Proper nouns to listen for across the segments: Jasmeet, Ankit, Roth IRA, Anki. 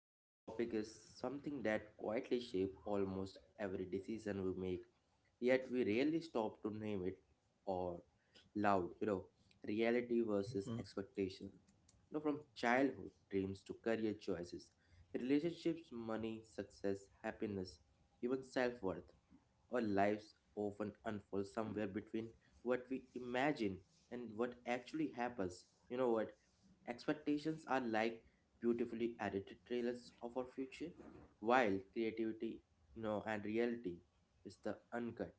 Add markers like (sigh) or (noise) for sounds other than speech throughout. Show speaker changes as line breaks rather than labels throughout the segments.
Today's topic is something that quietly shapes almost every decision we make, yet we rarely stop to name it or loud, reality versus
Mhm.
expectation. From childhood dreams to career choices, relationships, money, success, happiness, even self worth. Our lives often unfold somewhere between what we imagine and what actually happens. You know what? Expectations are like beautifully edited trailers of our future, while creativity, and reality is the uncut,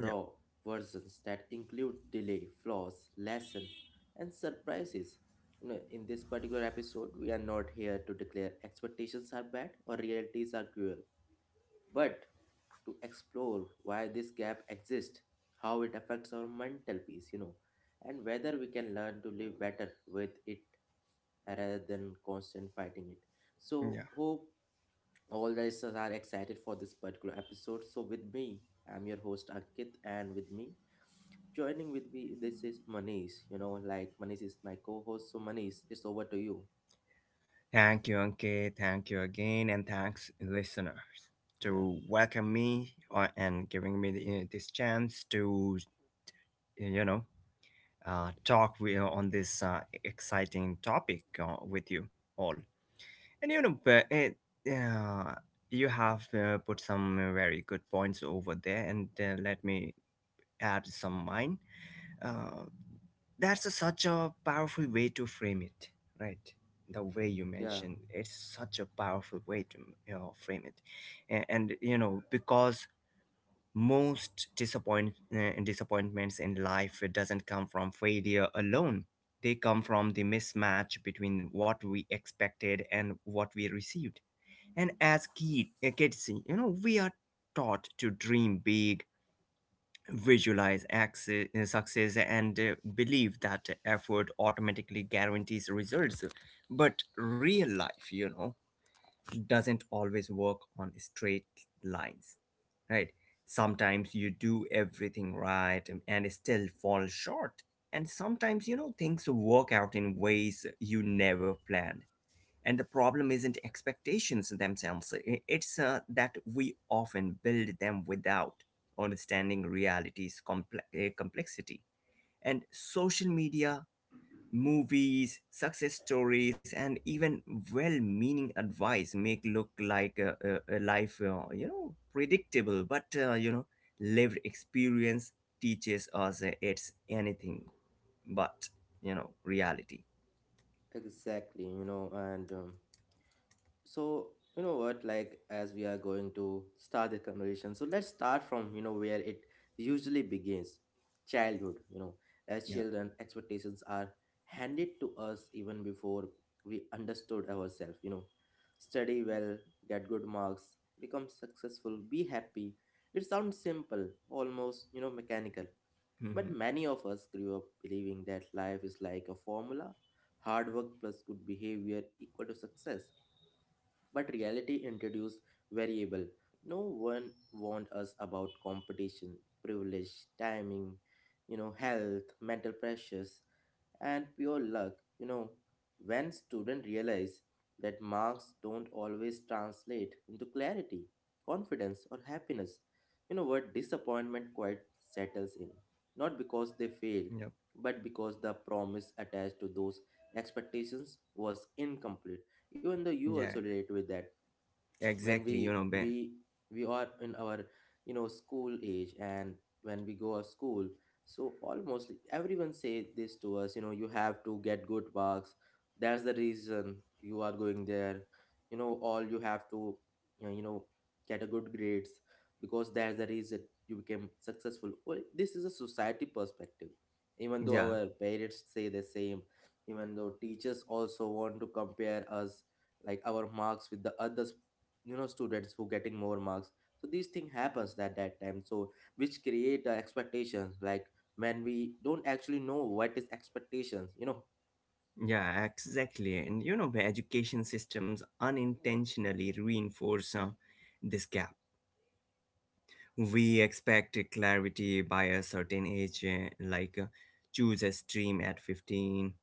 Yeah,
versions that include delay, flaws, lesson, and surprises. In this particular episode, we are not here to declare expectations are bad or realities are cruel, but to explore why this gap exists, how it affects our mental peace, and whether we can learn to live better with it rather than constant fighting it. So,
yeah.
hope all the listeners are excited for this particular episode. So, with me, I'm your host Ankit, and with me, joining with me, this is Manish. Like Manish is my co host, so Manish, it's over to you.
Thank you, Anki. Thank you again, and thanks, listeners,
Yeah.
to welcome me and giving me this chance to, you know, talk with, on this exciting topic with you all. And you know, uh, you have put some very good points over there, and let me add some mine. Uh, that's such a powerful way to frame it, right, the way you
Yeah,
mentioned it's such a powerful way to, you know, frame it. And you know, because most disappointments in life, it doesn't come from failure alone. They come from the mismatch between what we expected and what we received. And as kids, you know, we are taught to dream big, visualize success, and believe that effort automatically guarantees results. But real life, you know, doesn't always work on straight lines, right? Sometimes you do everything right, and still fall short, and sometimes, you know, things work out in ways you never planned. And the problem isn't expectations themselves. It's that we often build them without understanding reality's complexity. And social media, movies, success stories, and even well-meaning advice make look like a life, you know, predictable, but you know, lived experience teaches us, it's anything but, you know, reality.
exactly. You know, and So, like as we are going to start the conversation, so let's start from where it usually begins, childhood. As
Yeah.
children, expectations are handed to us even before we understood ourselves. Study well, get good marks, become successful, be happy. It sounds simple, almost, mechanical. But
Hmm.
many of us grew up believing that life is like a formula: hard work plus good behavior equal to success, but reality introduced variable. No one warned us about competition, privilege, timing, you know health, mental pressures, and pure luck. You know when students realize that marks don't always translate into clarity, confidence, or happiness, you know what disappointment quite settles in, not because they failed, but because the promise attached to those expectations was incomplete, even though you
Yeah.
also relate with that.
Exactly,
When
you
we
know,
we we are in our school age, and when we go to school, so almost everyone say this to us, you know you have to get good marks. That's the reason you are going there, you know all you have to uh, get a good grades, because that's the reason you became successful. Well, this is a society perspective, even though
yeah,
our parents say the same, even though teachers also want to compare us, like our marks with the others, you know students who getting more marks. So these thing happens at that time, so which create expectations, like when we don't actually know what is expectations, you know
yeah, exactly. And you know, the education systems unintentionally reinforce this gap. We expect clarity by a certain age, like choose a stream at 15,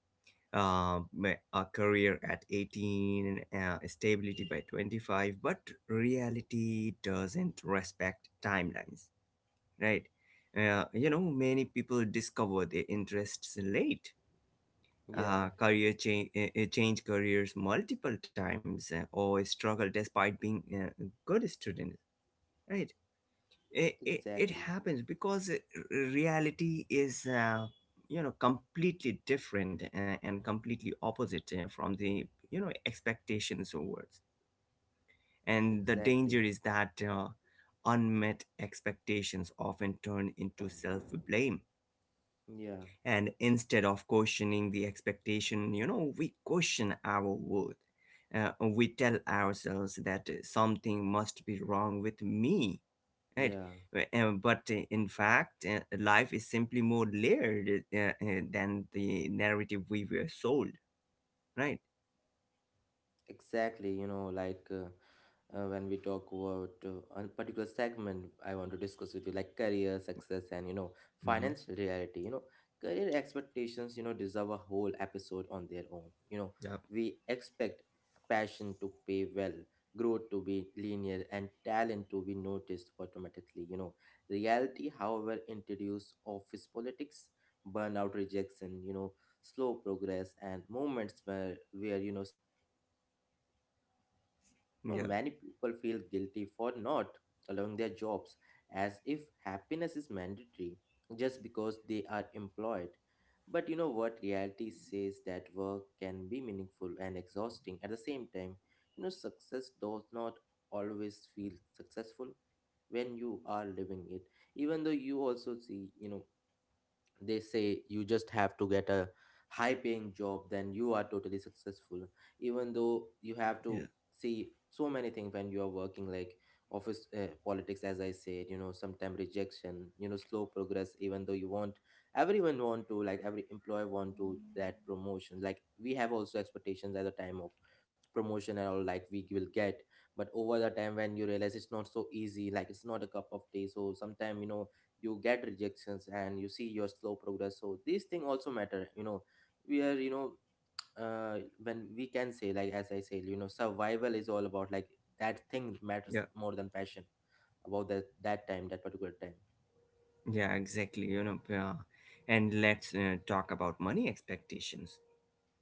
a career at 18, stability by 25, but reality doesn't respect timelines, right? You know, many people discover their interests late,
Yeah,
career change careers multiple times, or struggle despite being good student, right? It
exactly.
happens because reality is, you know, completely different, and completely opposite from the, you know, expectations or words. And the
Exactly.
danger is that unmet expectations often turn into self blame,
Yeah,
and instead of questioning the expectation, you know, we question our worth. We tell ourselves that something must be wrong with me, right?
yeah,
But in fact, life is simply more layered than the narrative we were sold, right?
exactly. Like, when we talk about a particular segment I want to discuss with you, like career, success, and, you know,
Hmm.
financial reality. Career expectations deserve a whole episode on their own. You know,
Yep.
we expect passion to pay well, growth to be linear, and talent to be noticed automatically. Reality, however, introduce office politics, burnout, rejection. Slow progress and moments where survival matters more than passion. you know,
Yeah.
many people feel guilty for not allowing their jobs, as if happiness is mandatory just because they are employed. But you know what? Reality says that work can be meaningful and exhausting at the same time. Success does not always feel successful when you are living it, even though you also see, you know, they say you just have to get a high paying job, then you are totally successful, even though you have to
Yeah.
see so many things when you are working, like office politics, as I said, you know, sometimes rejection, you know, slow progress, even though you want, everyone want to, like every employer want to that promotion, like we have also expectations at the time of promotion and all, like we will get. But over the time when you realize it's not so easy, like it's not a cup of tea, so sometimes, you know, you get rejections and you see your slow progress, so these thing also matter, you know We are, when we can say, like as I said, you know, survival is all about, like that thing matters
Yeah.
more than passion about that time, that particular time.
Yeah, exactly, you know. Yeah. And let's talk about money expectations.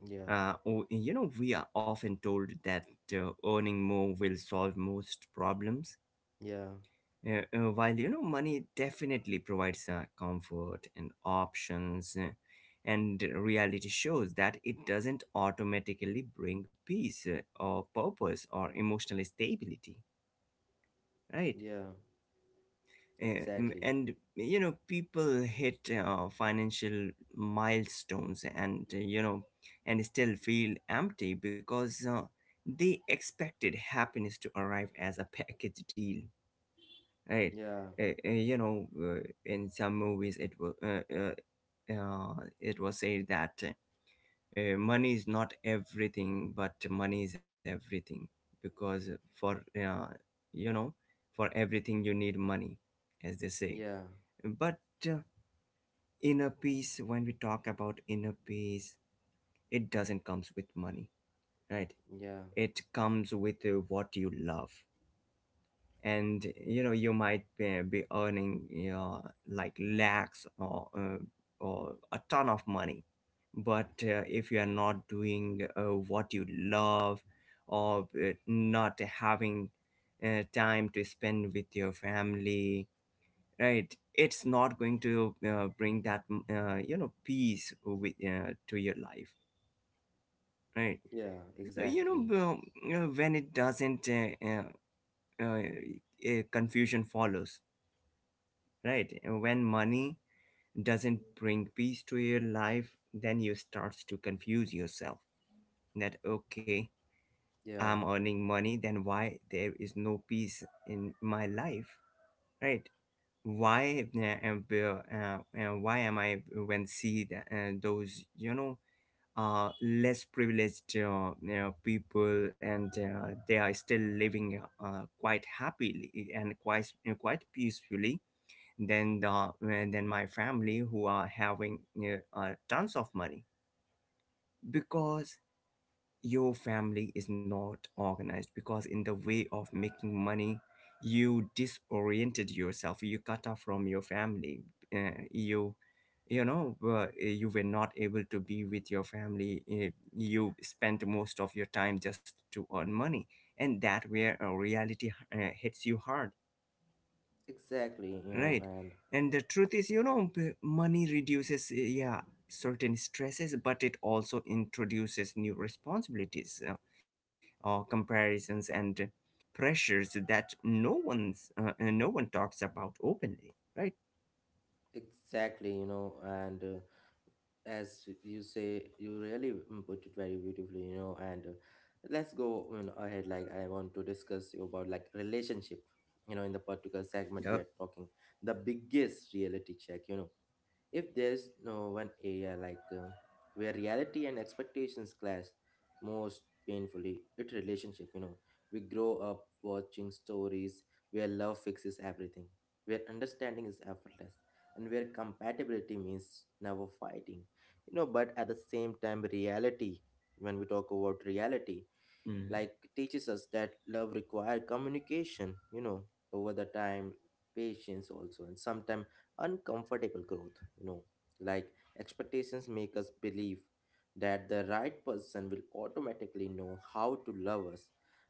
Yeah.
Oh, you know, we are often told that earning more will solve most problems.
Yeah,
While you know, money definitely provides comfort and options, and reality shows that it doesn't automatically bring peace, or purpose, or emotional stability, right?
yeah.
Uh,
exactly
and you know, people hit financial milestones and, you know, and still feel empty because they expected happiness to arrive as a package deal, right?
yeah
uh, uh, you know uh, in some movies it was said that money is not everything but money is everything, because for, you know, for everything you need money, as they say.
yeah
But uh, inner peace, when we talk about inner peace, it doesn't comes with money, right?
yeah
It comes with what you love. And you know, you might be earning, you know, like lakhs, or a ton of money, but if you are not doing what you love, or not having time to spend with your family, right? It's not going to bring that you know, peace with to your life, right?
yeah
So you
exactly
know, you know, when it doesn't uh, confusion follows, right? When money doesn't bring peace to your life, then you start to confuse yourself that okay,
yeah
I'm earning money, then why there is no peace in my life, right? why uh, am uh, why am I, when see that those, you know, less privileged, you know, people, and they are still living quite happily and quite peacefully than the than my family who are having tons of money. Because your family is not organized, because in the way of making money you disoriented yourself, you cut off from your family. uh, you you were not able to be with your family. You spent most of your time just to earn money, and that where reality hits you hard,
exactly you know
right?
and
And the truth is, you know, money reduces yeah, certain stresses, but it also introduces new responsibilities, or comparisons and pressures that no one talks about openly, right?
Exactly, you know, and as you say, you really mm, put it very beautifully, you know, and let's go you know, ahead. Like, I want to discuss you about like relationship, in the particular segment we are
Yeah.
talking, the biggest reality check, you know. If there's no one area like where reality and expectations clash most painfully, it relationship. You know, we grow up watching stories where love fixes everything, where understanding is effortless, and where compatibility means never fighting. You know, but at the same time, reality. When we talk about reality, like
Mm.
teaches us that love requires communication you know over the time patience also and sometimes uncomfortable growth you know like expectations make us believe that the right person will automatically know how to love us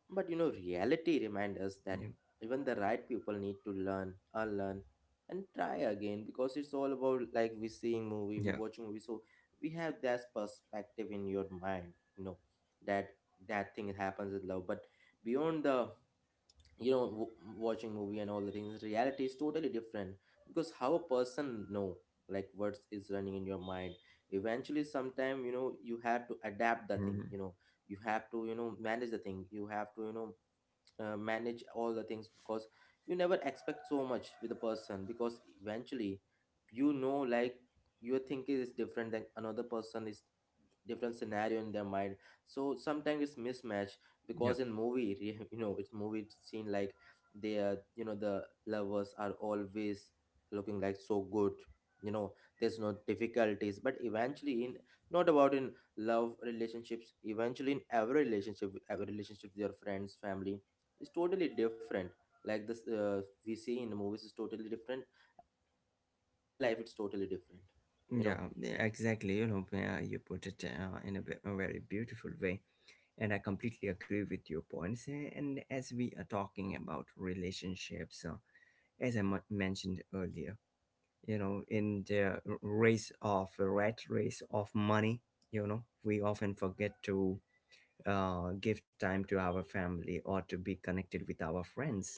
but you know reality reminds us that
Yeah.
even the right people need to learn unlearn and try again because it's all about like we seeing movie we
Yeah.
watching movie so we have that perspective in your mind you know that that thing happens with love but beyond the you know w- watching movie and all the things reality is totally different because how a person know like what is running in your mind eventually sometime you know you have to adapt the thing
Mm.
you know you have to you know manage the thing you have to you know manage all the things because you never expect so much with a person because eventually you know like your thinking is different than another person is different scenario in their mind so sometimes it's mismatch
Yeah.
because in movie re- (laughs) you know it's movie scene like they are you know the lovers are always looking like so good you know there's no difficulties but eventually in not about in love relationships eventually in every relationship with your friends family is totally different like this we see in the movies is totally different at the same time but in real life it's totally different you know
Yeah. Yeah, exactly, you know, you put it in a very beautiful way, and I completely agree with your points. And as we are talking about relationships, as I mentioned earlier, you know, in the r- race of rat race of money, you know, we often forget to give time to our family or to be connected with our friends,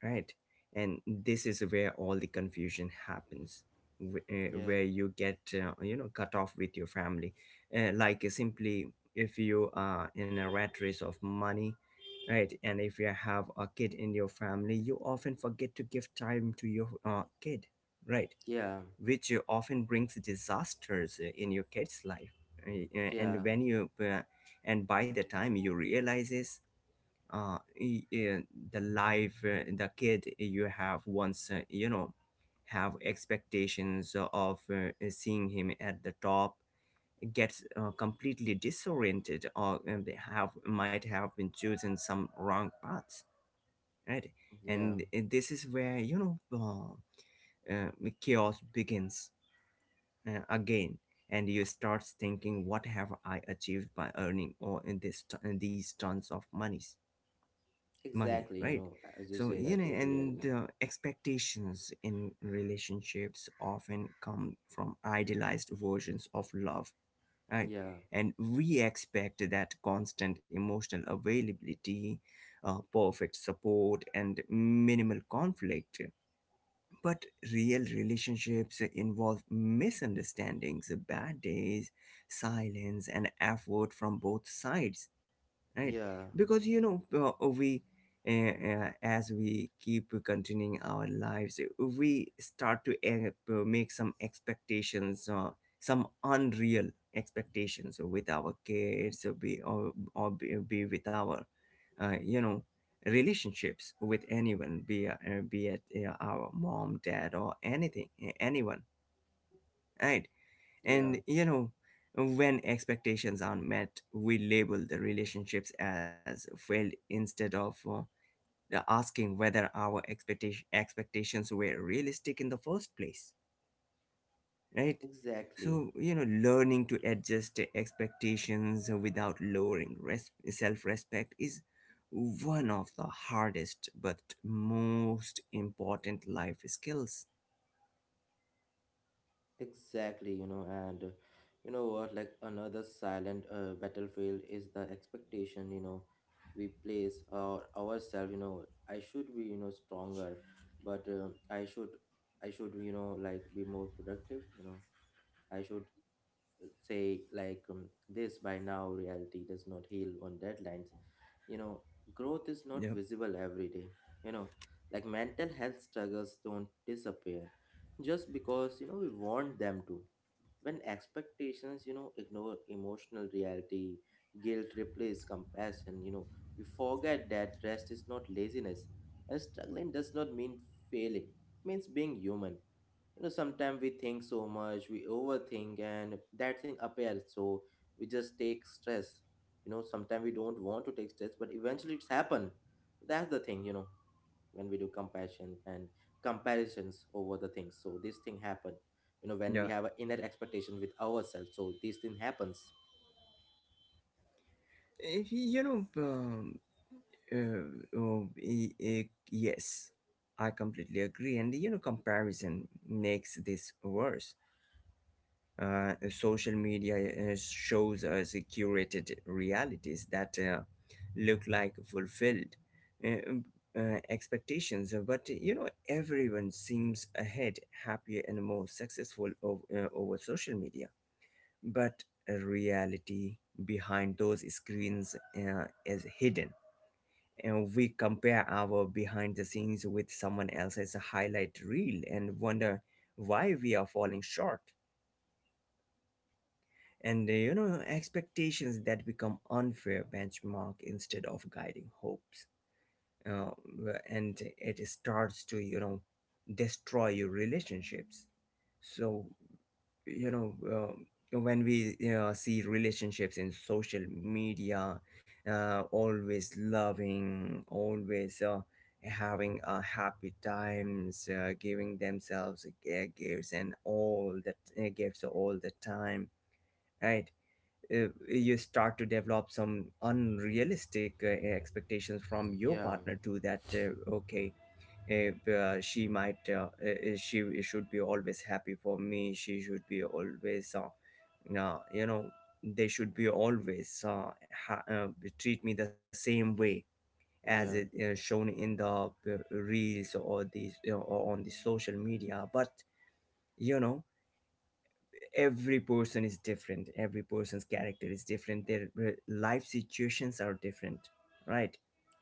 right? And this is where all the confusion happens,
Yeah.
where you get you know, cut off with your family, like simply, if you are in a rat race of money, right? And if you have a kid in your family, you often forget to give time to your kid, right?
yeah
Which often brings disasters in your kid's life. Uh,
yeah
and when you uh, and by the time you realize this, uh, i- i- the life, the kid you have once, you know, have expectations of seeing him at the top, gets completely disoriented, or they have might have been choosing some wrong paths, right?
Yeah,
And this is where you know, uh, uh, chaos begins again, and you start thinking, what have I achieved by earning all in this, these tons of monies, money,
exactly. You
right?
know, as you
So
said, I
you know,
totally
and
agree.
expectations in relationships often come from idealized versions of love, right?
Yeah,
And we expect that constant emotional availability, perfect support and minimal conflict, but real relationships involve misunderstandings, bad days, silence and effort from both sides, right?
yeah,
Because you know, we as we keep continuing our lives, we start to make some expectations, some unreal expectations with our kids, or be with our, you know, relationships with anyone, be it our mom, dad, or anything, anyone, right?
yeah,
And you know, when expectations aren't met, we label the relationships as failed instead of asking whether our expectations were realistic in the first place, right?
exactly.
So, you know, learning to adjust the expectations without lowering self respect is one of the hardest but most important life skills.
Exactly. and you know what, like another silent battlefield is the expectation. We place our ourselves. I should be, stronger, but I should, like be more productive. I should say, like this by now reality does not heal on deadlines. You know growth is not
Yep.
visible every day. You know like mental health struggles don't disappear just because, you know, we want them to. When expectations, you know, ignore emotional reality, guilt replaces compassion, you know We forget that rest is not laziness, and struggling does not mean failing, it means being human, you know Sometimes we think so much, we overthink, and that thing appears, so we just take stress, you know Sometimes we don't want to take stress, but eventually it's happen. That's the thing, you know When we do compassion and comparisons over the things, so this thing happen, you know When we have
Yeah.
an inner expectation with ourselves, so this thing happens.
You know, Uh, yes, I completely agree. And you know, comparison makes this worse. Social media shows us curated realities that look like fulfilled uh, um, expectations. But you know, everyone seems ahead, happier, and more successful over social media. But reality behind those screens is hidden, and we compare our behind the scenes with someone else's highlight reel and wonder why we are falling short. And you know, expectations that become unfair benchmark instead of guiding hopes, uh, and it starts to, you know, destroy your relationships. So you know, when we see relationships in social media, always loving, always having happy times, giving themselves gifts and all that, gifts all the time, right? You start to develop some unrealistic expectations from your
Yeah,
partner to that, okay, if she should be always happy for me, she should be always you know, they should be always ha- uh, treat me the same way as it
yeah,
is shown in the reels or these, you know, or on the social media. But you know, every person is different, every person's character is different, their life situations are different, right?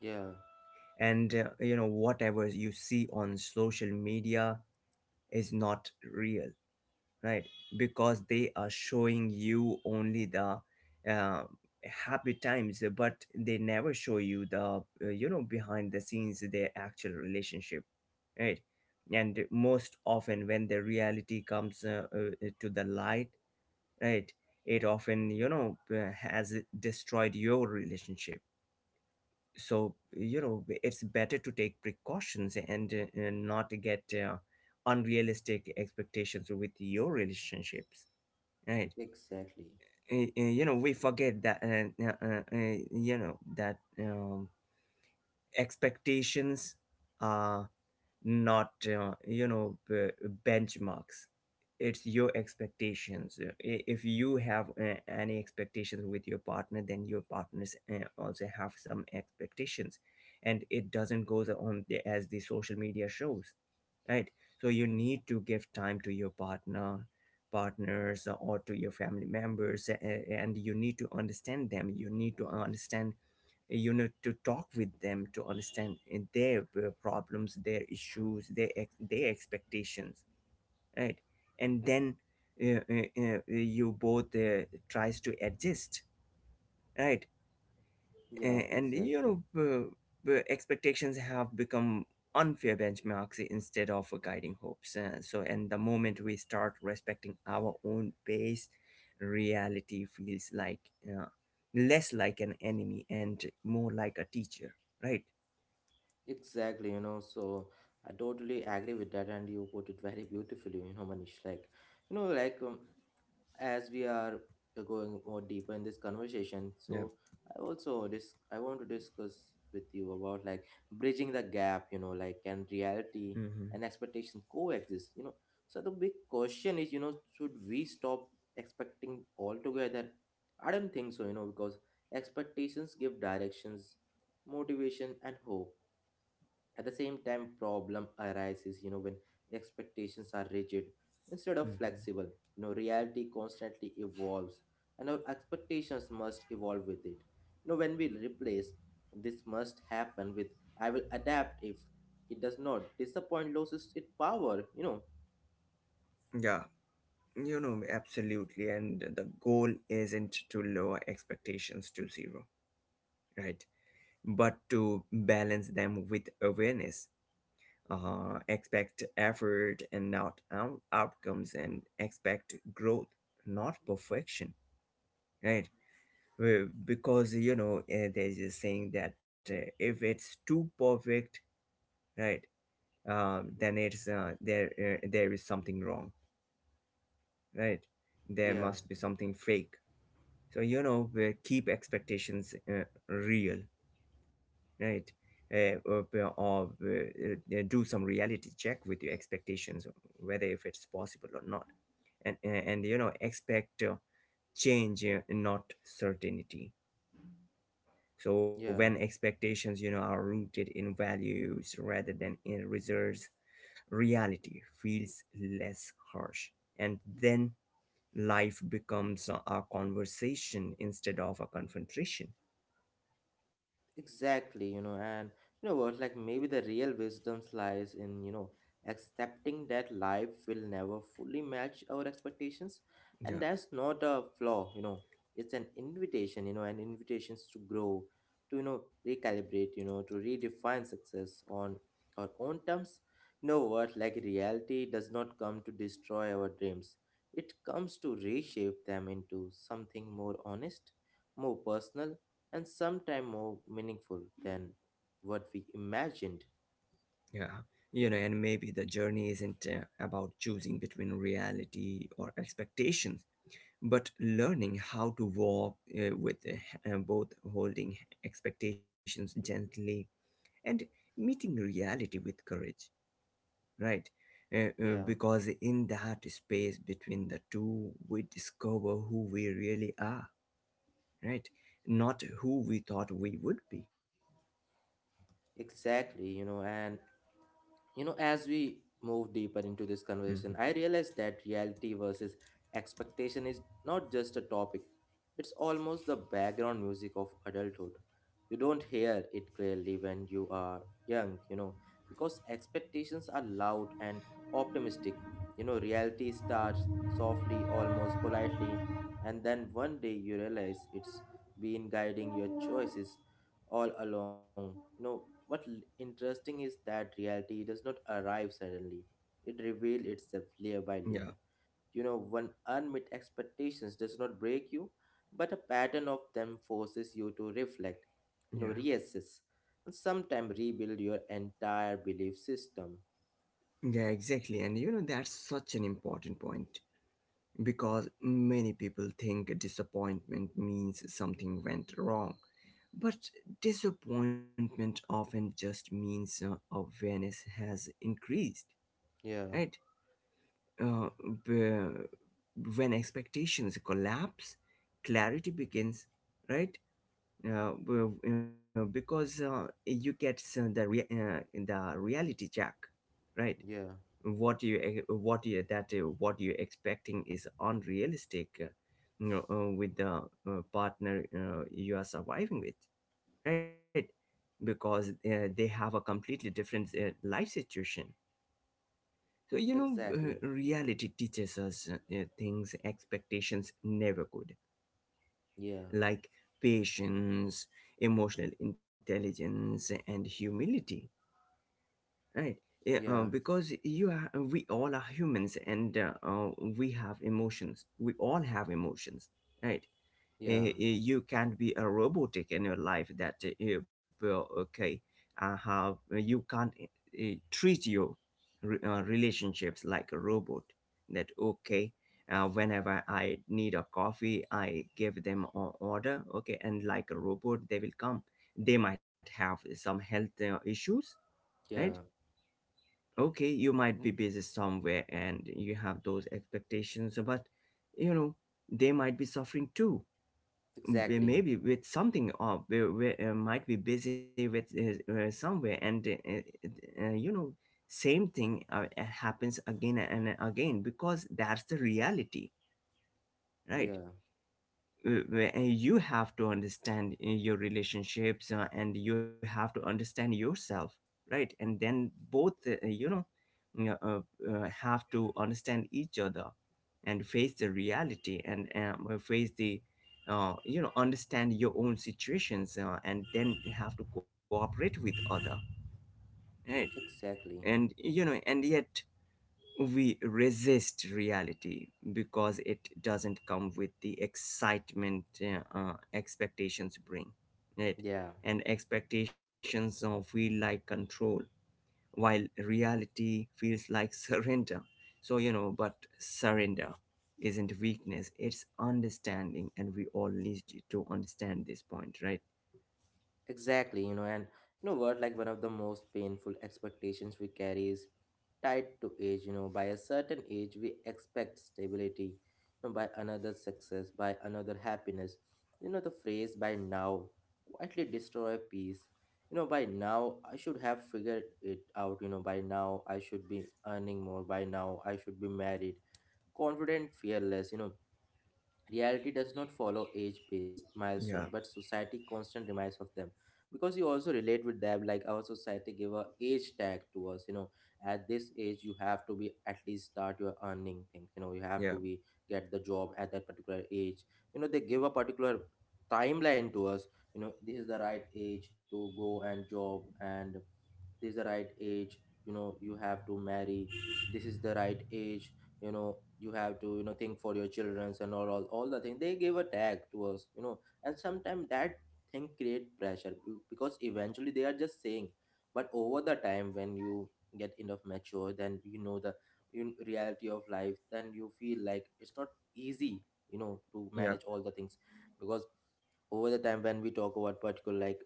yeah,
And you know, whatever you see on social media is not real, right? Because they are showing you only the, uh, happy times, but they never show you the, you know, behind the scenes, their actual relationship, right? And most often when the reality comes to the light, right, it often, you know, has destroyed your relationship. So you know, it's better to take precautions and not get unrealistic expectations with your relationships, right?
exactly.
You know, we forget that you know that expectations not, you know, benchmarks. It's your expectations. If you have any expectations with your partner, then your partners also have some expectations, and it doesn't goes on the, as the social media shows, right? So you need to give time to your partner, partners or to your family members, and you need to understand them. You need to talk with them to understand their problems, their issues, their their expectations, right? And then you both tries to adjust, right?
Yeah,
And you
exactly.
know, the expectations have become unfair benchmarks instead of guiding hopes. So and the moment we start respecting our own pace, reality feels like uh, less like an enemy and more like a teacher, right?
Exactly, so I totally agree with that, and you put it very beautifully, Manish. Like, like as we are going more deeper in this conversation,
Yeah.
so I want to discuss with you about, like, bridging the gap, like can reality
Mm-hmm.
and expectation coexist? So the big question is, should we stop expecting altogether? I don't think so, because expectations give directions, motivation, and hope. At the same time, problem arises, when expectations are rigid instead of
Mm-hmm.
flexible. Reality constantly evolves and our expectations must evolve with it. When we replace this must happen with I will adapt, if it does not disappoint, loses its power.
Yeah, you know, absolutely. And the goal isn't to lower expectations to zero, right, but to balance them with awareness. Expect effort and not outcomes, and expect growth, not perfection, right? Well, because you know, there's a saying that if it's too perfect, right, then it's there, there is something wrong, right? There
Yeah,
must be something fake. So you know, we keep expectations real, right? Uh, or or do some reality check with your expectations, whether if it's possible or not, and you know, expect change, not certainty. So when
yeah.
expectations, you know, are rooted in values rather than in results, reality feels less harsh, and then life becomes a conversation instead of a confrontation.
Exactly, and you know what, like maybe the real wisdom lies in accepting that life will never fully match our expectations. And
Yeah.
that's not a flaw, it's an invitation, an invitations to grow, to recalibrate, to redefine success on our own terms. You know what, like reality does not come to destroy our dreams, it comes to reshape them into something more honest, more personal, and sometimes more meaningful than what we imagined.
Yeah, you know, and maybe the journey isn't about choosing between reality or expectations, but learning how to walk with both, holding expectations gently and meeting reality with courage, right?
Yeah,
Because in that space between the two, we discover who we really are, right? Not who we thought we would be.
exactly, you know, and You know, as we move deeper into this conversation, I
Hmm.
realized that reality versus expectation is not just a topic, it's almost the background music of adulthood. You don't hear it clearly when you are young, you know, because expectations are loud and optimistic. You know, reality starts softly, almost politely, and then one day you realize it's been guiding your choices all along. You know, what interesting is that reality does not arrive suddenly. It reveals itself layer by layer.
Yeah,
You know, when unmet expectations does not break you, but a pattern of them forces you to reflect, you know,
yeah.
reassess, and sometimes rebuild your entire belief system.
Yeah, exactly. And you know, that's such an important point, because many people think disappointment means something went wrong. But disappointment often just means awareness has increased,
Yeah,
right? Uh, b- when expectations collapse, clarity begins, right? You know, because you get the reality check, right?
yeah,
What you that what you're expecting is unrealistic, you know, with the partner you are surviving with, right? Because they have a completely different life situation. So you know,
exactly.
reality teaches us things expectations never could,
Yeah,
like patience, emotional intelligence, and humility. Right. Yeah,
yeah,
because we all are humans, and we have emotions. We all have emotions, right?
yeah,
You can't be a robotic in your life that, well, okay, how you can't treat your relationships like a robot. That, okay, whenever I need a coffee, I give them an order, okay, and like a robot, they will come. They might have some health issues, right?
yeah,
Okay, you might be busy somewhere and you have those expectations, but you know, they might be suffering too.
exactly.
Maybe with something, or they might be busy with somewhere, and you know, same thing happens again and again, because that's the reality, right?
Yeah,
You have to understand your relationships, and you have to understand yourself, right? And then both, you know, uh, uh, have to understand each other and face the reality, and face the you know, understand your own situations, and then you have to cooperate with other, right?
exactly.
And you know, and yet we resist reality because it doesn't come with the excitement expectations bring, right?
Yeah.
And expectations feel like control, while reality feels like (laughs) surrender. So you know, but surrender isn't weakness, it's understanding, and we all need to understand this point, right?
Exactly, you know, and you know what, like one of the most painful expectations we carry is tied to age, you know, by a certain age we expect stability, you know, by another success, by another happiness. You know, the phrase by now quietly destroy peace. You know, by now I should have figured it out, you know, by now I should be earning more, by now I should be married, confident, fearless, you know. Reality does not follow age based milestone,
Yeah,
but society constant reminds of them. Because you also relate with them, like our society give a age tag to us, you know, at this age you have to be at least start your earning thing. You know, you have
yeah,
to be get the job at that particular age. You know, they give a particular timeline to us, you know, this is the right age to go and job, and this is the right age, you know, you have to marry, this is the right age, you know, you have to, you know, think for your childrens and all the thing they give a tag to us, you know, and sometimes that thing create pressure because eventually they are just saying, but over the time when you get enough mature, then you know the reality of life, then you feel like it's not easy, you know, to
yeah,
manage all the things, because over the time when we talk about particular, like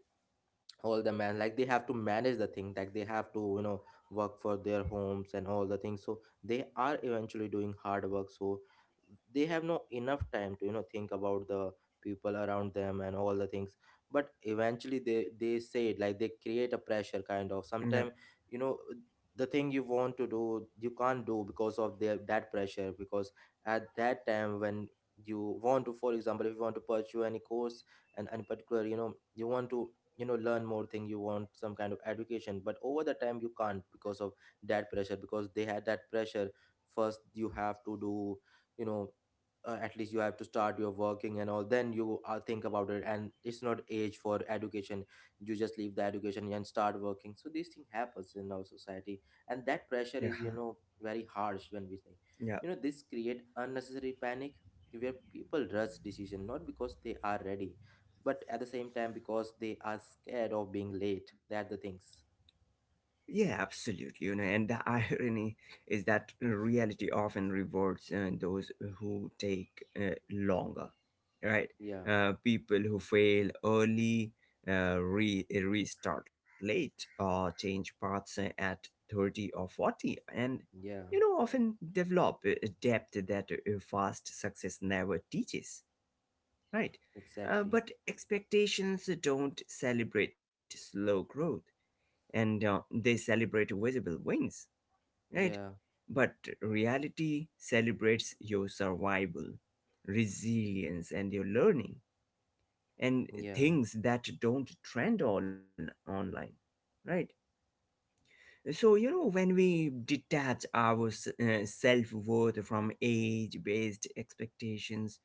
all the man, like they have to manage the thing, like they have to, you know, work for their homes and all the things, so they are eventually doing hard work, so they have no enough time to, you know, think about the people around them and all the things, but eventually they say it, like they create a pressure kind of.
yeah,
Sometimes, you know, the thing you want to do you can't do because of their that pressure, because at that time when you want to, for example, if you want to pursue any course and any particular, you know, you want to, you know, learn more thing, you want some kind of education, but over the time you can't because of that pressure, because they had that pressure, first you have to do, you know, at least you have to start your working and all, then you think about it, and it's not age for education, you just leave the education and start working, so these thing happens in our society, and that pressure
yeah,
is, you
huh,
know, very harsh when we say,
yeah.
you know, this create unnecessary panic where people rush decision not because they are ready, but at the same time because they are scared of being late, that the things.
Yeah, absolutely. You know, and the (laughs) irony is that reality often rewards those who take longer, right?
yeah
People who fail early, restart late, or change paths at 30 or 40, and
yeah
you know, often develop depth that fast success never teaches, right?
exactly
But expectations don't celebrate slow growth, and they celebrate visible wins, right?
yeah
But reality celebrates your survival, resilience, and your learning, and
yeah
things that don't trend on online, right? So you know, when we detach our self worth from age based expectations,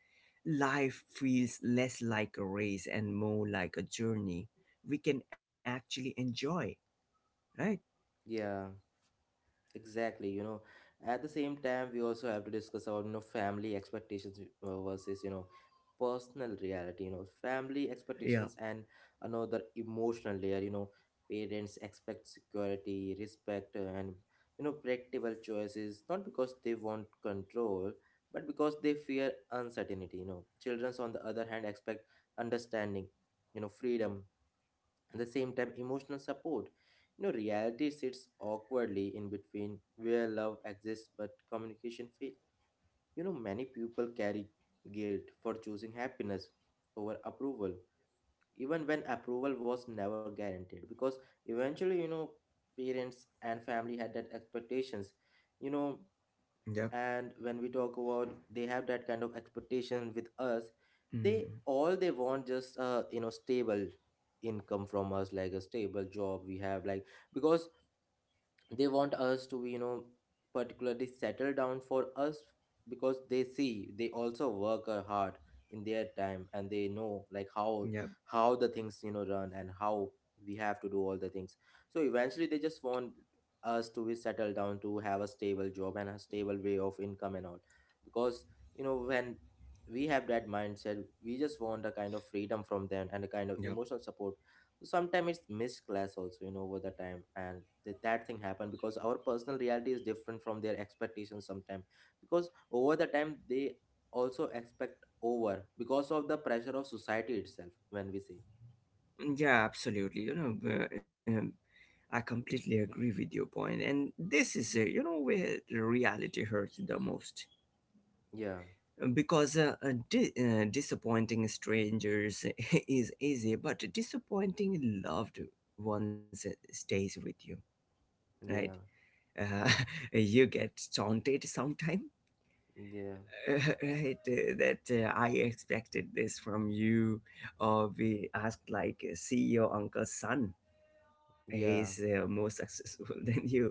life feels less like a race and more like a journey we can actually enjoy, right?
yeah Exactly, you know, at the same time, we also have to discuss about, you know, family expectations versus, you know, personal reality, you know, family
Yeah.
expectations and another emotional layer, you know, parents expect security, respect, and, you know, predictable choices, not because they want control, but because they fear uncertainty, you know. Children, on the other hand, expect understanding, you know, freedom, at the same time, emotional support. You know, reality sits awkwardly in between where love exists but communication fails. You know, many people carry guilt for choosing happiness over approval, even when approval was never guaranteed. Because eventually, you know, parents and family had that expectations. You know,
Yeah.
and when we talk about they have that kind of expectation with us, they all they want just uh, you know, stable income from us, like a stable job we have, like, because they want us to, you know, particularly settle down for us, because they see they also work hard in their time, and they know like how
Yep,
how the things, you know, run, and how we have to do all the things, so eventually they just want us to be settled down, to have a stable job and a stable way of income and all, because, you know, when we have that mindset, we just want a kind of freedom from them and a kind of
yep,
emotional support, sometimes it's missed class also, you know, over the time, and that thing happened because our personal reality is different from their expectations sometimes, because over the time they also expect over because of the pressure of society itself when we say.
yeah, absolutely. You know, I completely agree with your point, and this is you know, where the reality hurts the most.
Yeah
Because disappointing strangers (laughs) is easy, but disappointing loved ones stays with you, right?
yeah
Uh, (laughs) you get taunted sometime,
yeah
(laughs) right? That I expected this from you, or we asked like, "See your uncle's son." He's
yeah
more successful (laughs) than you.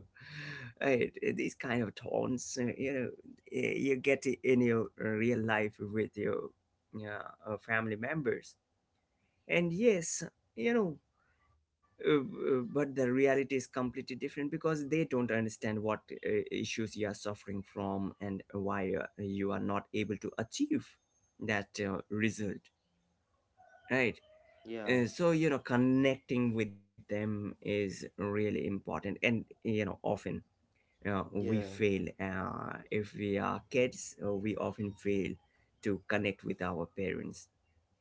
Right? These kind of taunts, you know, you get it in your real life with your, yeah, family members. And yes, you know, but the reality is completely different, because they don't understand what issues you are suffering from, and why you are not able to achieve that result, right?
yeah
So you know, connecting with them is really important, and you know, often we
yeah
fail, if we are kids, we often fail to connect with our parents,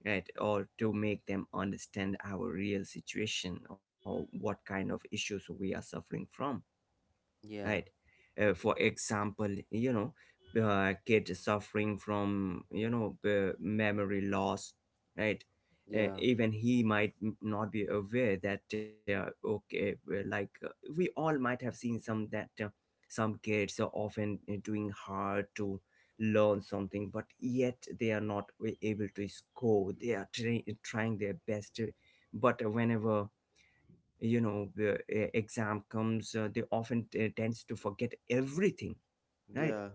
right? Or to make them understand our real situation, or what kind of issues we are suffering from, right?
yeah
For example, you know, kids suffering from, you know, memory loss, right?
yeah
Even he might not be aware that, okay, we all might have seen some that, some kids are often doing hard to learn something, but yet they are not able to score. They are trying their best, but whenever, you know, the exam comes, they often tends to forget everything,
yeah
right?
yeah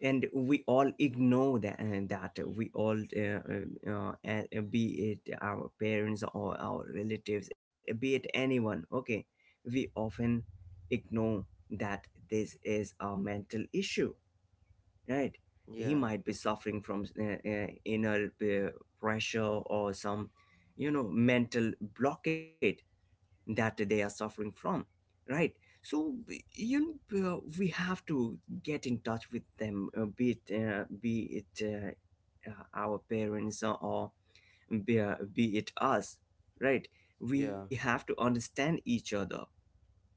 And we all ignore that, and that we all, be it our parents or our relatives, be it anyone, okay, we often ignore that this is a mental issue, right? He might be suffering from inner pressure, or some, you know, mental blockade that they are suffering from, right? So you know, we have to get in touch with them, be it our parents, or be it us, right? We
yeah yeah
have to understand each other,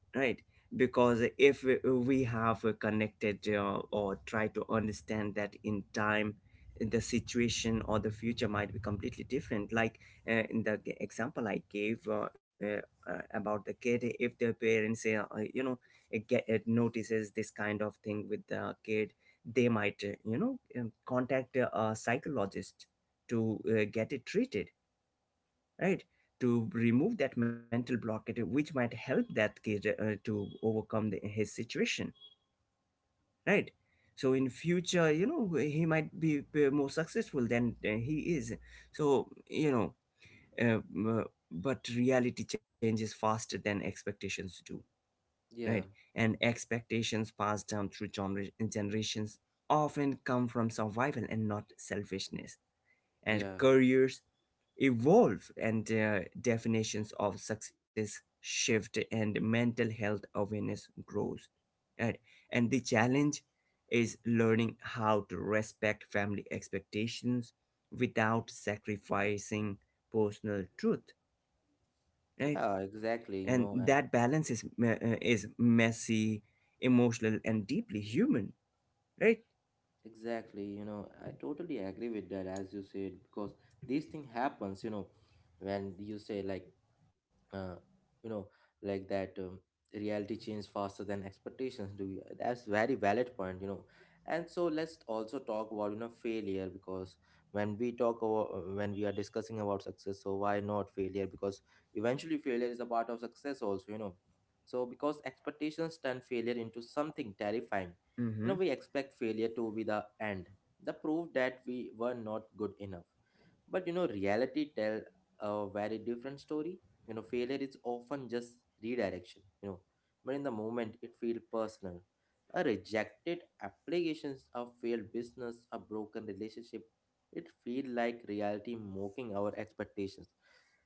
right? Because if we have connected, or try to understand that in time, the situation or the future might be completely different. Like, in the example I gave, about the kid, if the parents, you know, get it, notices this kind of thing with the kid, they might, you know, contact a psychologist to get it treated, right? To remove that mental blockade, which might help that kid to overcome the, his situation, right? So in future, you know, he might be more successful than he is. So you know, um, uh, m- but reality changes faster than expectations do, right? And expectations passed down through generations often come from survival and not selfishness. And
yeah
careers evolve, and their definitions of success shift, and mental health awareness grows, and, and the challenge is learning how to respect family expectations without sacrificing personal truth,
yeah
right?
exactly, you
And
know.
that balance is is messy, emotional, and deeply human, right?
Exactly, you know, I totally agree with that as you said, because this thing happens, you know, when you say like, uh, you know, like that reality changes faster than expectations do, you, that's very valid point, you know, and so let's also talk about, you know, failure, because when we talk about, when we are discussing about success, so why not failure, because eventually failure is a part of success also, you know, so because expectations turn failure into something terrifying, you
Mm-hmm.
know, we expect failure to be the end, the proof that we were not good enough, but you know, reality tell a very different story. You know, failure is often just redirection, you know. But in the moment it feels personal. A rejected applications, a failed business, a broken relationship, it feel like reality mocking our expectations.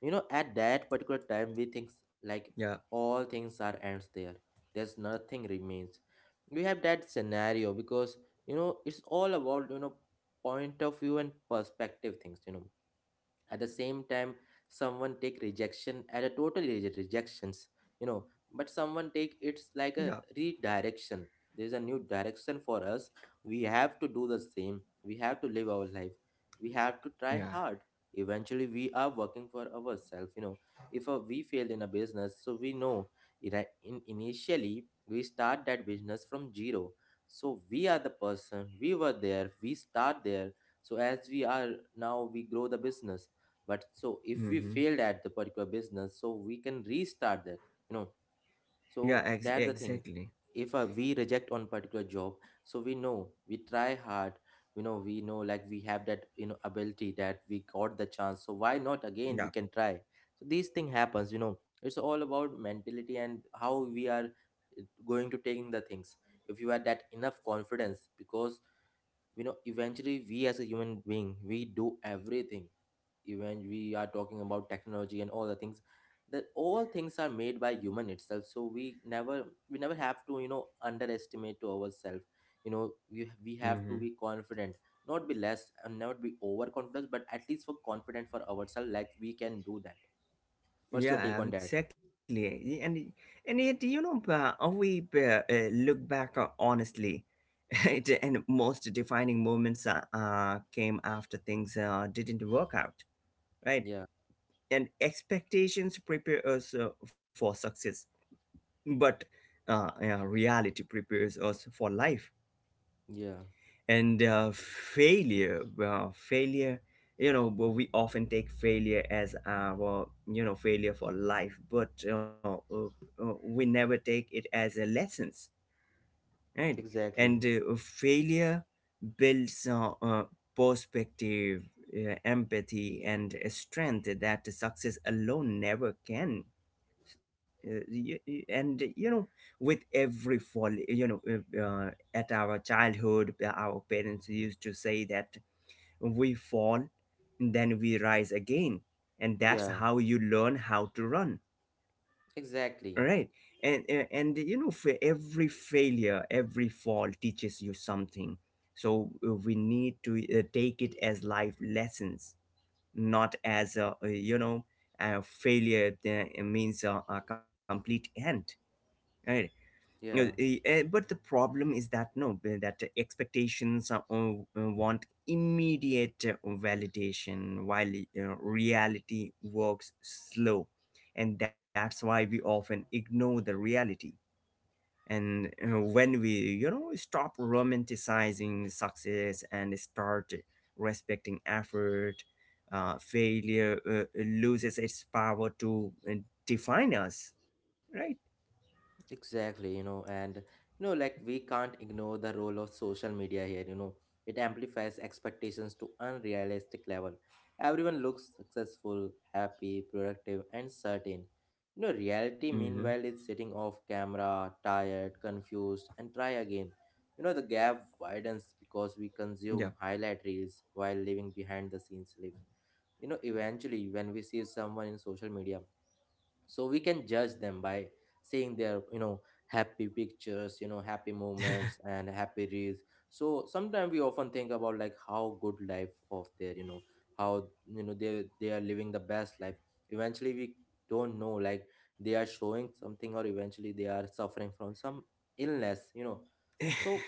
You know, at that particular time we think like
Yeah,
all things are ends there. There's nothing remains. We have that scenario because, you know, it's all about, you know, point of view and perspective things, you know, at the same time someone take rejection at a total rejections, you know, but someone take it's like
yeah,
a redirection, there's a new direction for us, we have to do the same, we have to live our life, we have to try
yeah.
hard, eventually we are working for ourselves, you know. If we failed in a business, so we know in initially we start that business from zero, so we are the person, we were there, we start there, so as we are now we grow the business, but so if we
Mm-hmm.
failed at the particular business, so we can restart that, you know,
Yeah,
so that the thing,
exactly.
if we reject on particular job, so we know we try hard, you know, we know like we have that, you know, ability that we got the chance, so why not again we
Yeah.
can try, so these thing happens, you know, it's all about mentality and how we are going to taking the things. If you had that enough confidence, because, you know, eventually we as a human being we do everything, when we are talking about technology and all the things, that all things are made by human itself, so we never, we never have to, you know, underestimate to ourselves, you know, we have to
Hmm.
be confident, not be less and not be overconfident, but at least for confident for ourselves, like we can do that. What's your take
Yeah,
on that?
exactly. And and yet, you know, we look back honestly, (laughs) it, and most defining moments came after things didn't work out, right?
yeah
And expectations prepare us for success, but yeah, reality prepares us for life.
yeah
And uh, failure, you know, but we often take failure as our, you know, failure for life, but we never take it as a lessons, right?
exactly
And failure builds perspective, empathy, and strength that success alone never can. And you know, with every fall, you know, at our childhood, our parents used to say that we fall, then we rise again, and that's
yeah
how you learn how to run, right?
exactly
And and you know, for every failure, every fall teaches you something. So we need to take it as life lessons, not as a, you know, failure means a complete end, right?
yeah
But the problem is that no, eh, that expectations are, want immediate validation, while reality works slow, and that's why we often ignore the reality. And when we, stop romanticizing success and start respecting effort, failure loses its power to define us, right?
Exactly, you know, and you know, like we can't ignore the role of social media here, you know. It amplifies expectations to unrealistic level. Everyone looks successful, happy, productive, and certain. You know, reality
Mm-hmm.
meanwhile is sitting off camera, tired, confused, and try again. You know, the gap widens because we consume
Yeah.
highlight reels while living behind the scenes lives. You know, eventually when we see someone in social media, so we can judge them by seeing their happy pictures, happy moments, and happy reels. So sometimes we often think about like how good life of their you know how you know They are living the best life. Eventually, we don't know like they are showing something, or eventually they are suffering from some illness. So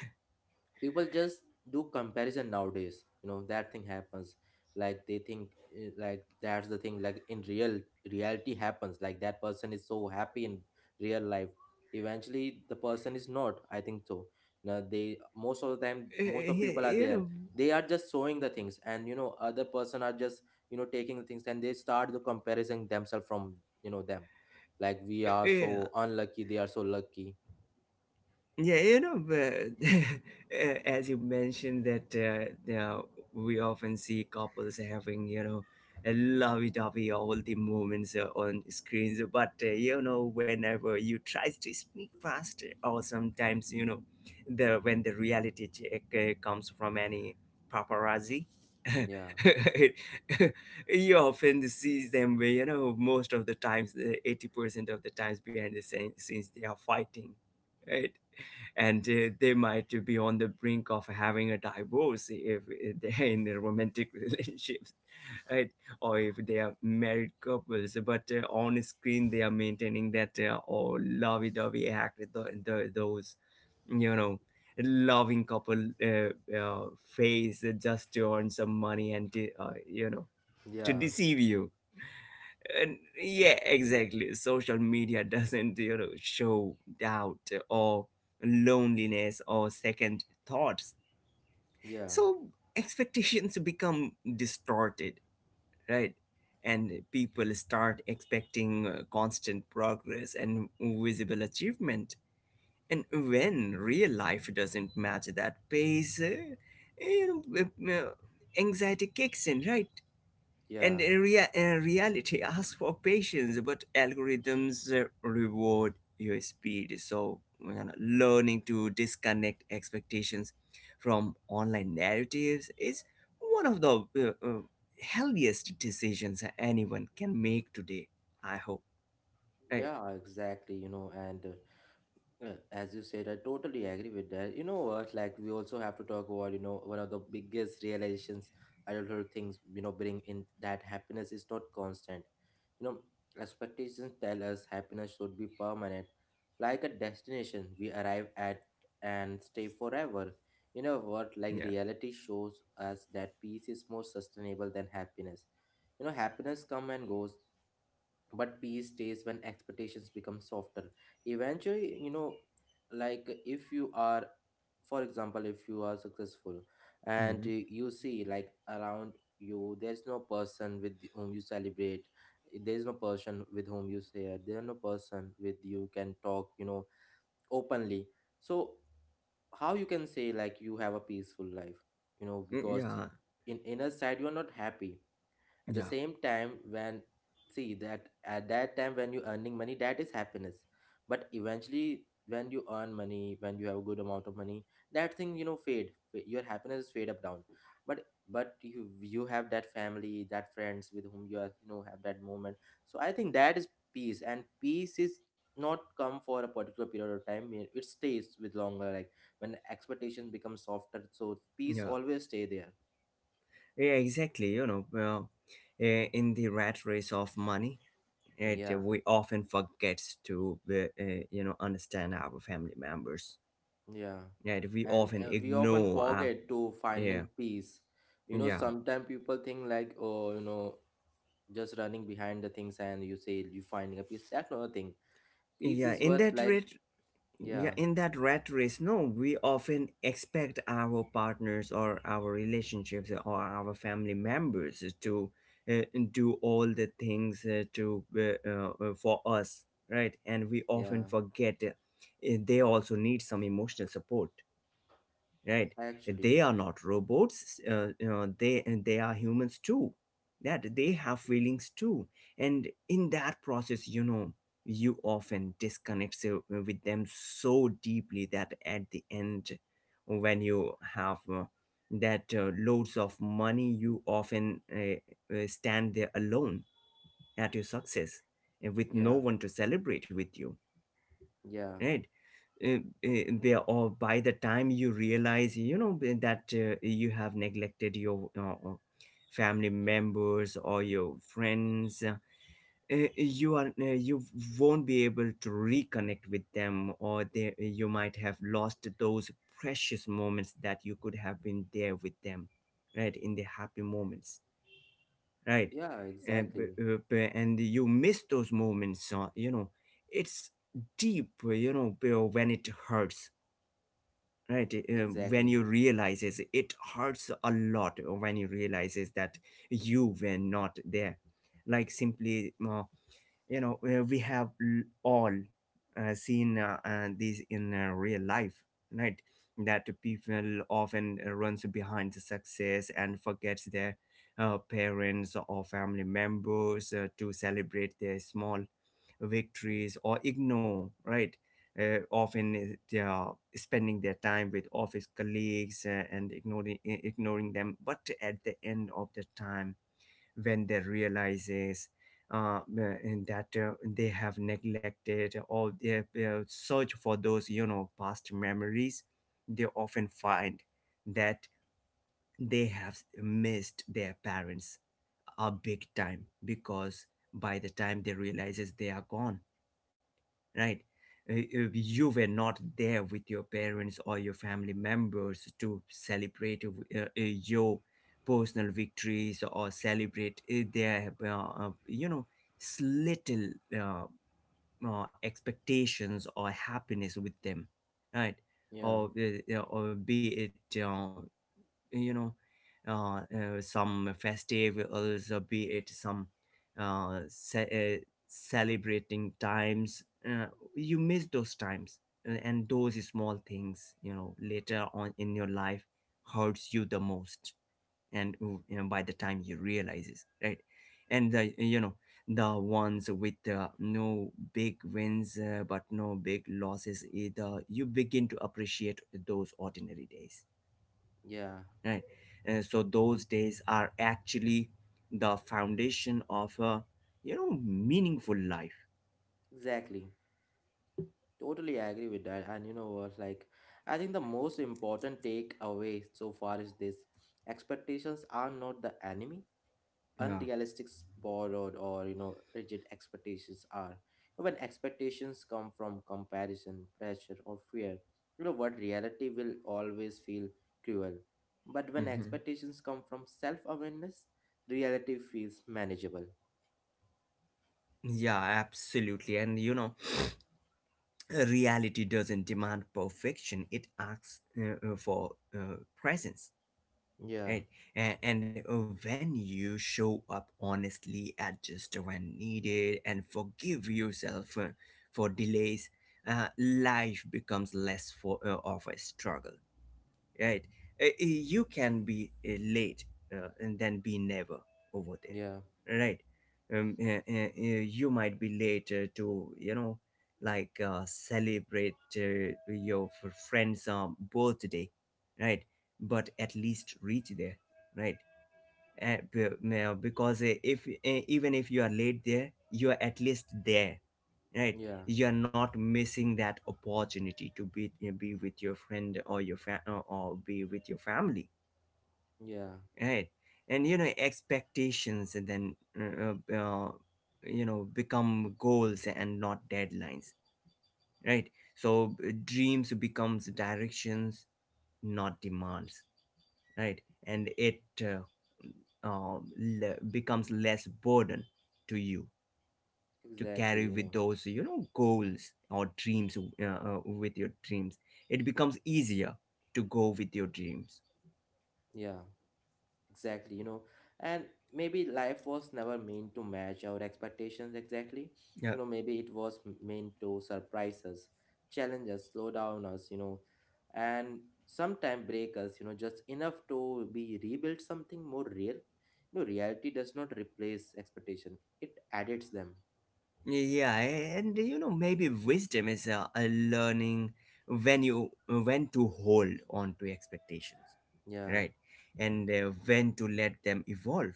people just do comparison nowadays, that thing happens. Like they think, like that's the thing. Like in real reality happens like that person is so happy in real life. Eventually the person is not, I think so. Now they, most of the time, most of
Yeah,
people are
you
there,
know,
they are just showing the things, and other person are just taking the things, and they start the comparison themselves from them. Like, we are
yeah.
so unlucky, they are so lucky.
Yeah, (laughs) as you mentioned that we often see couples having, a lovey-dovey all the moments on screens. But, whenever you try to speak fast or sometimes, the when the reality check comes from any paparazzi,
Yeah,
(laughs) you often see them, most of the times, 80% of the times behind the scenes, they are fighting. Right? And they might be on the brink of having a divorce if they're in a romantic (laughs) relationships, right? Or if they are married couples but on screen they are maintaining that oh, lovey-dovey act, those, you know loving couple face just to earn some money and to
yeah,
deceive you. And yeah, exactly. Social media (laughs) doesn't, show doubt or loneliness or second thoughts.
yeah,
So expectations become distorted, right? And people start expecting constant progress and visible achievement. And when real life doesn't match that pace, you know, uh, uh, anxiety kicks in, right?
yeah.
And in reality, ask for patience, but algorithms reward your speed. So, learning to disconnect expectations from online narratives is one of the healthiest decisions anyone can make today. I hope, right?
Yeah, exactly. You know, and as you said, I totally agree with that. You know what? Like, we also have to talk about, you know, one of the biggest realizations adulthood things, you know, bring in that happiness is not constant. You know, expectations tell us happiness should be permanent, like a destination we arrive at and stay forever. You know what? Like,
Yeah.
reality shows us that peace is more sustainable than happiness. You know, happiness come and goes, but peace stays when expectations become softer eventually. You know, like if you are, for example, if you are successful, and
Mhm.
you see like around you there's no person with whom you celebrate, there's no person with whom you share, there's no person with you can talk, you know, openly. So how you can say like you have a peaceful life, you know,
Yeah.
in inner side you are not happy. At the
Yeah.
same time when see that, at that time when you're earning money, that is happiness. But eventually when you earn money, when you have a good amount of money, that thing, you know, your happiness is fade up down, but you have that family, that friends with whom you are, you know, have that moment. So I think that is peace. And peace is not come for a particular period of time, it stays with longer. Like when expectations become softer, so peace
Yeah.
always stay there.
Yeah. Exactly. In the rat race of money, right,
Yeah.
we often forget to understand our family members,
Yeah.
right? We
And
often
we often
ignore our,
forget to
yeah,
finding peace. You know,
yeah.
sometimes people think like, oh, you know, just running behind the things and you say you finding a peace. That's not a thing. Peace
yeah
is
in
what
that
like,
rat yeah,
yeah,
in that rat race, no, we often expect our partners or our relationships or our family members to uh, do all the things to for us, right? And we often
yeah,
forget they also need some emotional support, right?
actually,
They are not robots, they are humans too, that they have feelings too. And in that process, you often disconnect so, with them so deeply that at the end when you have that loads of money, you often stand there alone at your success and with
yeah,
no one to celebrate with you,
yeah,
right? Uh, uh, there or by the time you realize, that you have neglected your family members or your friends, you are you won't be able to reconnect with them, or you might have lost those precious moments that you could have been there with them, right? In the happy moments, right?
yeah,
and b-
exactly,
uh, b- and you miss those moments, it's deep, when it hurts, right? When
exactly,
you realizes it hurts a lot when you realizes that you were not there, like simply, we have all seen, these in real life, right? That people often runs behind the success and forgets their parents or family members to celebrate their small victories or ignore, right? Often they are spending their time with office colleagues and ignoring them, but at the end of the time when they realizes, and that they have neglected or they search for those, past memories, they often find that they have missed their parents a big time, because by the time they realizes they are gone, right? You were not there with your parents or your family members to celebrate your personal victories or celebrate little uh, expectations or happiness with them, right?
yeah,
Or be it you know some festivals, be it some uh, ce- uh, celebrating times, you miss those times, and those small things, later on in your life, hurts you the most. And by the time you realize it, right? And the, the ones with no big wins but no big losses either, you begin to appreciate those ordinary days,
yeah,
right? And so those days are actually the foundation of a, meaningful life.
exactly. Totally agree with that. And you know what, like, I think the most important takeaway so far is this: expectations are not the enemy.
Yeah.
Unrealistic, borrowed, or, you know, rigid expectations are. When expectations come from comparison, pressure, or fear, you know what, reality will always feel cruel. But when
Hmm.
expectations come from self-awareness, reality feels manageable.
Yeah, absolutely. And (sniffs) reality doesn't demand perfection, it asks for presence,
Yeah,
right? And when you show up honestly, adjust when needed, and forgive yourself for delays, life becomes less for of a struggle, right? You can be late and then be never over there,
yeah,
right? You might be late to, celebrate your friend's birthday, right? But at least reach there, right? and be- now, because if Even if you are late there, you are at least there, right?
yeah,
You are not missing that opportunity to be, be with your friend or your fa- or be with your family,
yeah,
right? And expectations, and then uh, you know become goals and not deadlines, right? So dreams becomes directions, not demands, right? And it becomes less burden to you to
exactly,
carry
you
with
know,
those, goals or dreams, with your dreams. It becomes easier to go with your dreams.
yeah. Exactly, you know, and maybe life was never meant to match our expectations exactly. You
Yeah,
know, maybe it was meant to surprise us, challenge us, slow down us, you know, and sometimes break us, you know, just enough to be rebuild something more real. You know, reality does not replace expectation, it edits them.
yeah. And maybe wisdom is a learning when you when to hold on to expectations,
Yeah.
right? And when to let them evolve,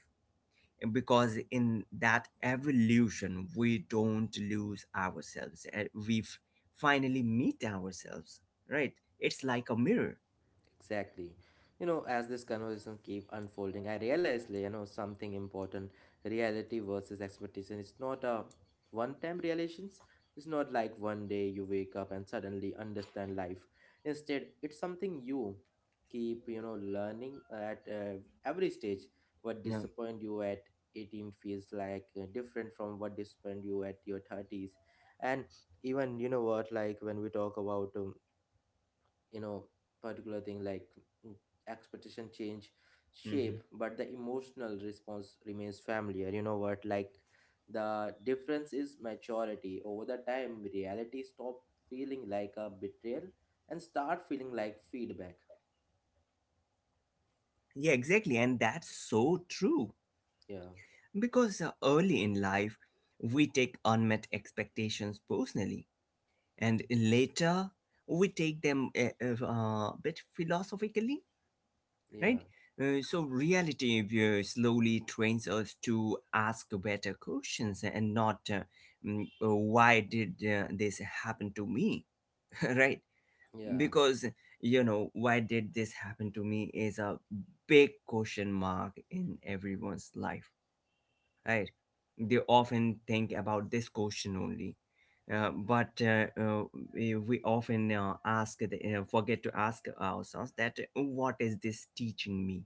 because in that evolution we don't lose ourselves and we finally meet ourselves, right? It's like a mirror.
Exactly. You know, as this conversation keep unfolding, I realized, like, you know, something important. Reality versus expectation. It's not a one-time realizations. It's not like one day you wake up and suddenly understand life. Instead, it's something you keep, you know, learning at every stage. What
Yeah.
disappoint you at 18 feels like different from what disappoint you at your 30s. And even, you know what, like when we talk about you know particular thing like mm, expectation change shape,
Hmm.
but the emotional response remains familiar. You know what, like the difference is maturity. Over the time, reality stop feeling like a betrayal and start feeling like feedback.
Yeah, exactly, and that's so true.
Yeah,
Because early in life we take unmet expectations personally, and later we take them a bit philosophically,
yeah,
right? So reality slowly trains us to ask better questions and not, why did this happen to me, (laughs) right?
yeah,
Because, why did this happen to me is a big question mark in everyone's life, right? They often think about this question only. But we often forget to ask ourselves that what is this teaching me,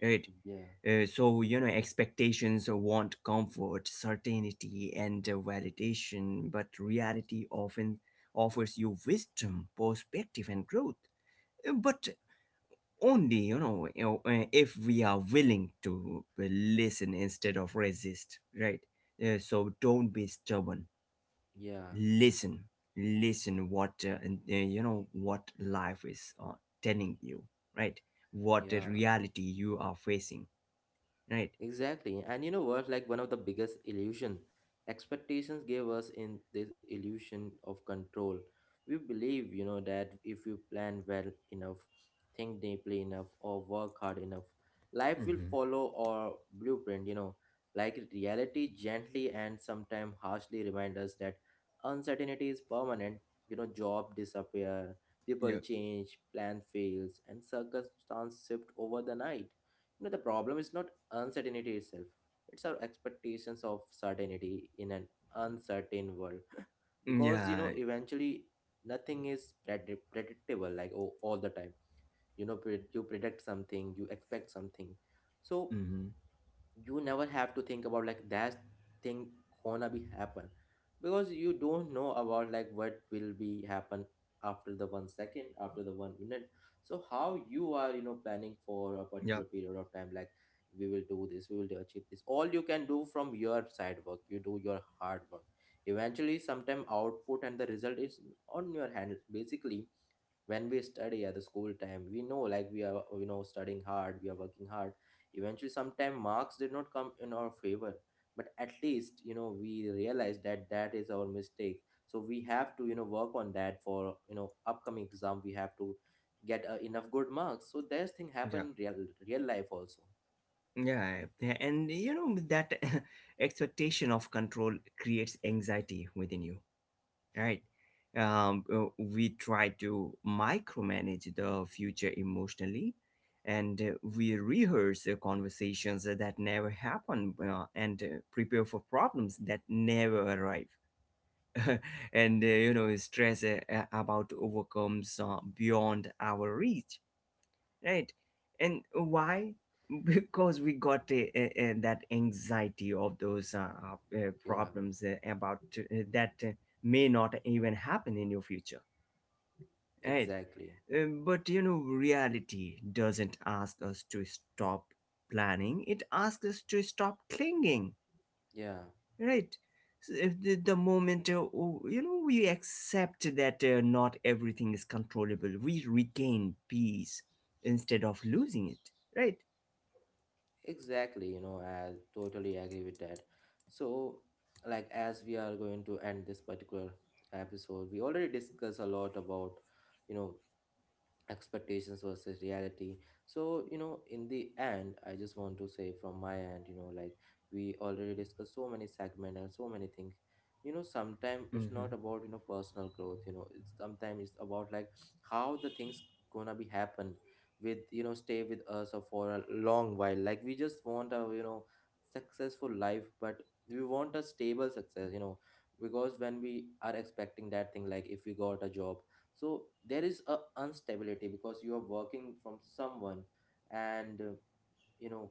right?
yeah,
So, expectations want comfort, certainty, and validation, but reality often offers you wisdom, perspective, and growth. But only, if we are willing to listen instead of resist, right? So don't be stubborn.
yeah,
Listen, listen what, what life is telling you, right? What the
yeah.
reality you are facing, right?
Exactly. And you know what? Like, one of the biggest illusion expectations gave us in this illusion of control. We believe, you know, that if you plan well enough, think deeply enough, or work hard enough, life will
Mm-hmm.
follow our blueprint, you know. Like reality gently and sometimes harshly remind us that uncertainty is permanent. You know, job disappear, people
Yeah,
change, plan fails, and circumstance shift over the night. You know, the problem is not uncertainty itself, it's our expectations of certainty in an uncertain world. (laughs) Because, you know,
yeah.
eventually nothing is predictable, like oh, all the time. You know, you predict something, you expect something. So,
Mm-hmm.
you never have to think about like that thing gonna be happen, because you don't know about like what will be happen after the 1 second, after the 1 minute. So how you are, you know, planning for a particular
Yep.
period of time, like we will do this, we will achieve this. All you can do from your side, work, you do your hard work. Eventually sometime output and the result is on your hand basically. When we study at the school time, we know like we are, you know, studying hard, we are working hard. Eventually sometime marks did not come in our favor. But at least, you know, we realize that that is our mistake. So we have to, you know, work on that. For, you know, upcoming exam we have to get enough good marks. So there's thing
Yeah.
happen in real real life also.
Yeah. Yeah, and that (laughs) expectation of control creates anxiety within you, right? We try to micromanage the future emotionally, and we rehearse conversations that never happen, and prepare for problems that never arrive. (laughs) And stress about overcomes beyond our reach, right? And why? (laughs) Because we got that anxiety of those
Yeah,
problems about that may not even happen in your future, right?
exactly,
But reality doesn't ask us to stop planning, it asks us to stop clinging,
yeah.
right? So if the moment, we accept that not everything is controllable, we regain peace instead of losing it, right?
Exactly, you know, I totally agree with that. So, like, as we are going to end this particular episode, we already discussed a lot about, you know, expectations versus reality. So, you know, in the end I just want to say from my end, you know, like we already discussed so many segment and so many things. You know, sometimes it's
Mm-hmm.
not about, you know, personal growth. You know, it's sometimes it's about like how the things gonna be happen with, you know, stay with us or for a long while. Like, we just want a, you know, successful life, but we want a stable success, you know. Because when we are expecting that thing, like if we got a job, so there is a instability, because you are working from someone, and you know,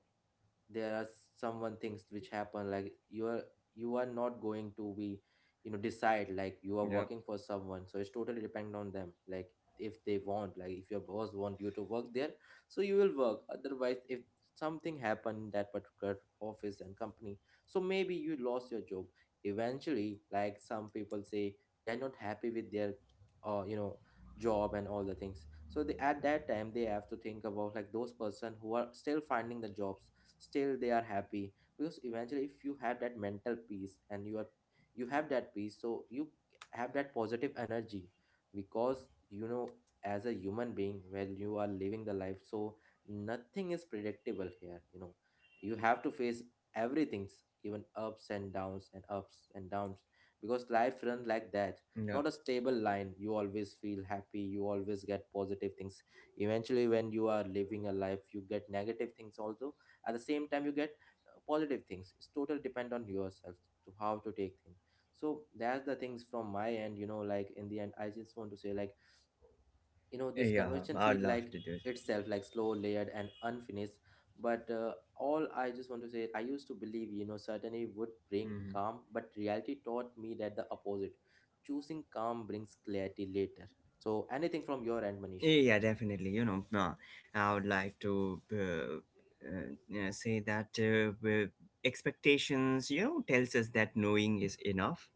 there are someone things which happen like you are not going to be, you know, decide. Like, you are
Yeah.
working for someone, so it's totally depend on them. Like, if they want, like if your boss want you to work there, so you will work. Otherwise, if something happened in that particular office and company, so maybe you lost your job. Eventually, like some people say they are not happy with their you know job and all the things. So they at that time they have to think about like those person who are still finding the jobs, still they are happy. Because eventually if you have that mental peace, and you are, you have that peace, so you have that positive energy. Because, you know, as a human being, when you are living the life, so nothing is predictable here, you know. You have to face everything's, even ups and downs and ups and downs, because life runs like that.
Yeah.
Not a stable line. You always feel happy, you always get positive things? Eventually when you are living a life, you get negative things also. At the same time you get positive things. It's total depend on yourself to how to take things. So that's the things from my end. You know, like in the end I just want to say, like, you know, this
Yeah.
conversation
I'd
feel
love
like
to do it.
itself, like slow, layered, and unfinished. But all I just want to say, I used to believe, you know, certainty would bring
Mm-hmm.
calm, but reality taught me that the opposite. Choosing calm brings clarity later. So anything from your end, Manish?
Yeah, definitely. I would like to yeah, say that expectations, tells us that knowing is enough.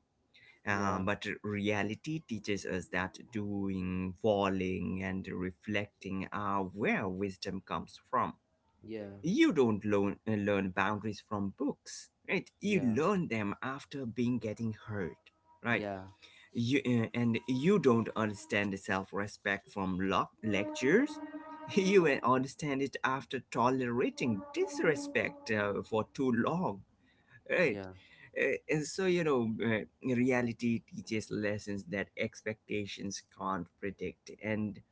Yeah,
But reality teaches us that doing, falling, and reflecting are where wisdom comes from.
yeah,
You don't learn, learn boundaries from books, right? You
yeah,
learn them after being getting hurt, right?
yeah,
You, and you don't understand self-respect from lectures. (laughs) You understand it after tolerating disrespect for too long, right?
yeah,
And so you know, reality teaches lessons that expectations can't predict, and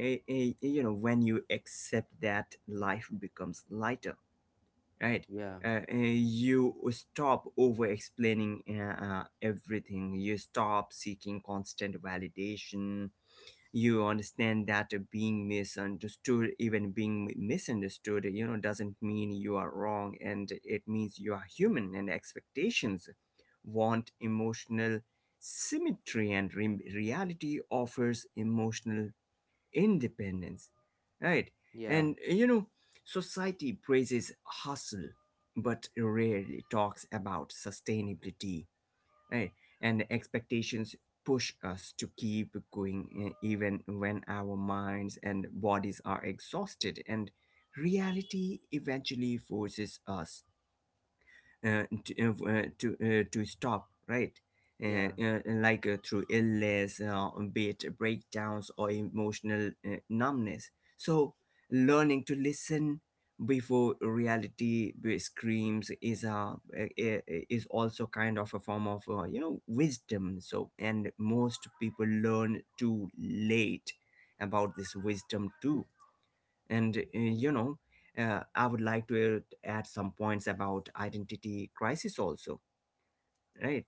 when you accept that, life becomes lighter, right?
yeah,
You stop over explaining everything, you stop seeking constant validation. You understand that being misunderstood, even being misunderstood, doesn't mean you are wrong, and it means you are human. And expectations want emotional symmetry and reality offers emotional independence, right?
yeah.
And society praises hustle but rarely talks about sustainability, right? And expectations push us to keep going, even when our minds and bodies are exhausted, and reality eventually forces us uh, to, to stop, right?
Yeah,
Like through illness, be it breakdowns or emotional numbness. So, learning to listen before reality screams is is also kind of a form of, wisdom. So, and most people learn too late about this wisdom too. And I would like to add some points about identity crisis also, right?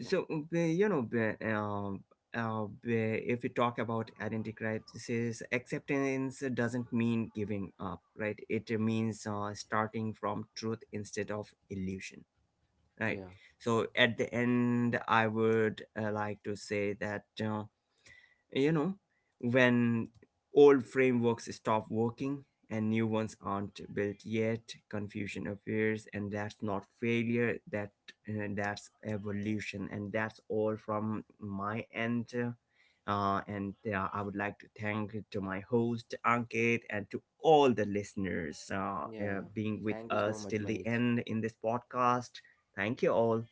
So if we talk about identity crisis, acceptance doesn't mean giving up, right? It means starting from truth instead of illusion, right?
yeah,
So at the end I would like to say that, uh, you know when old frameworks stop working and new ones aren't built yet, confusion appears, and that's not failure, that's evolution. And that's all from my end. And I would like to thank to my host Ankit and to all the listeners
yeah.
being with
Thank you so
us
much,
till the
Manish.
end in this podcast. Thank you all.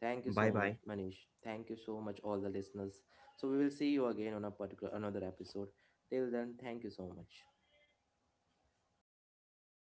Thank you
Bye
so much,
bye.
Manish. Thank you so much, all the listeners. So we will see you again on a particular another episode. Till then, thank you so much.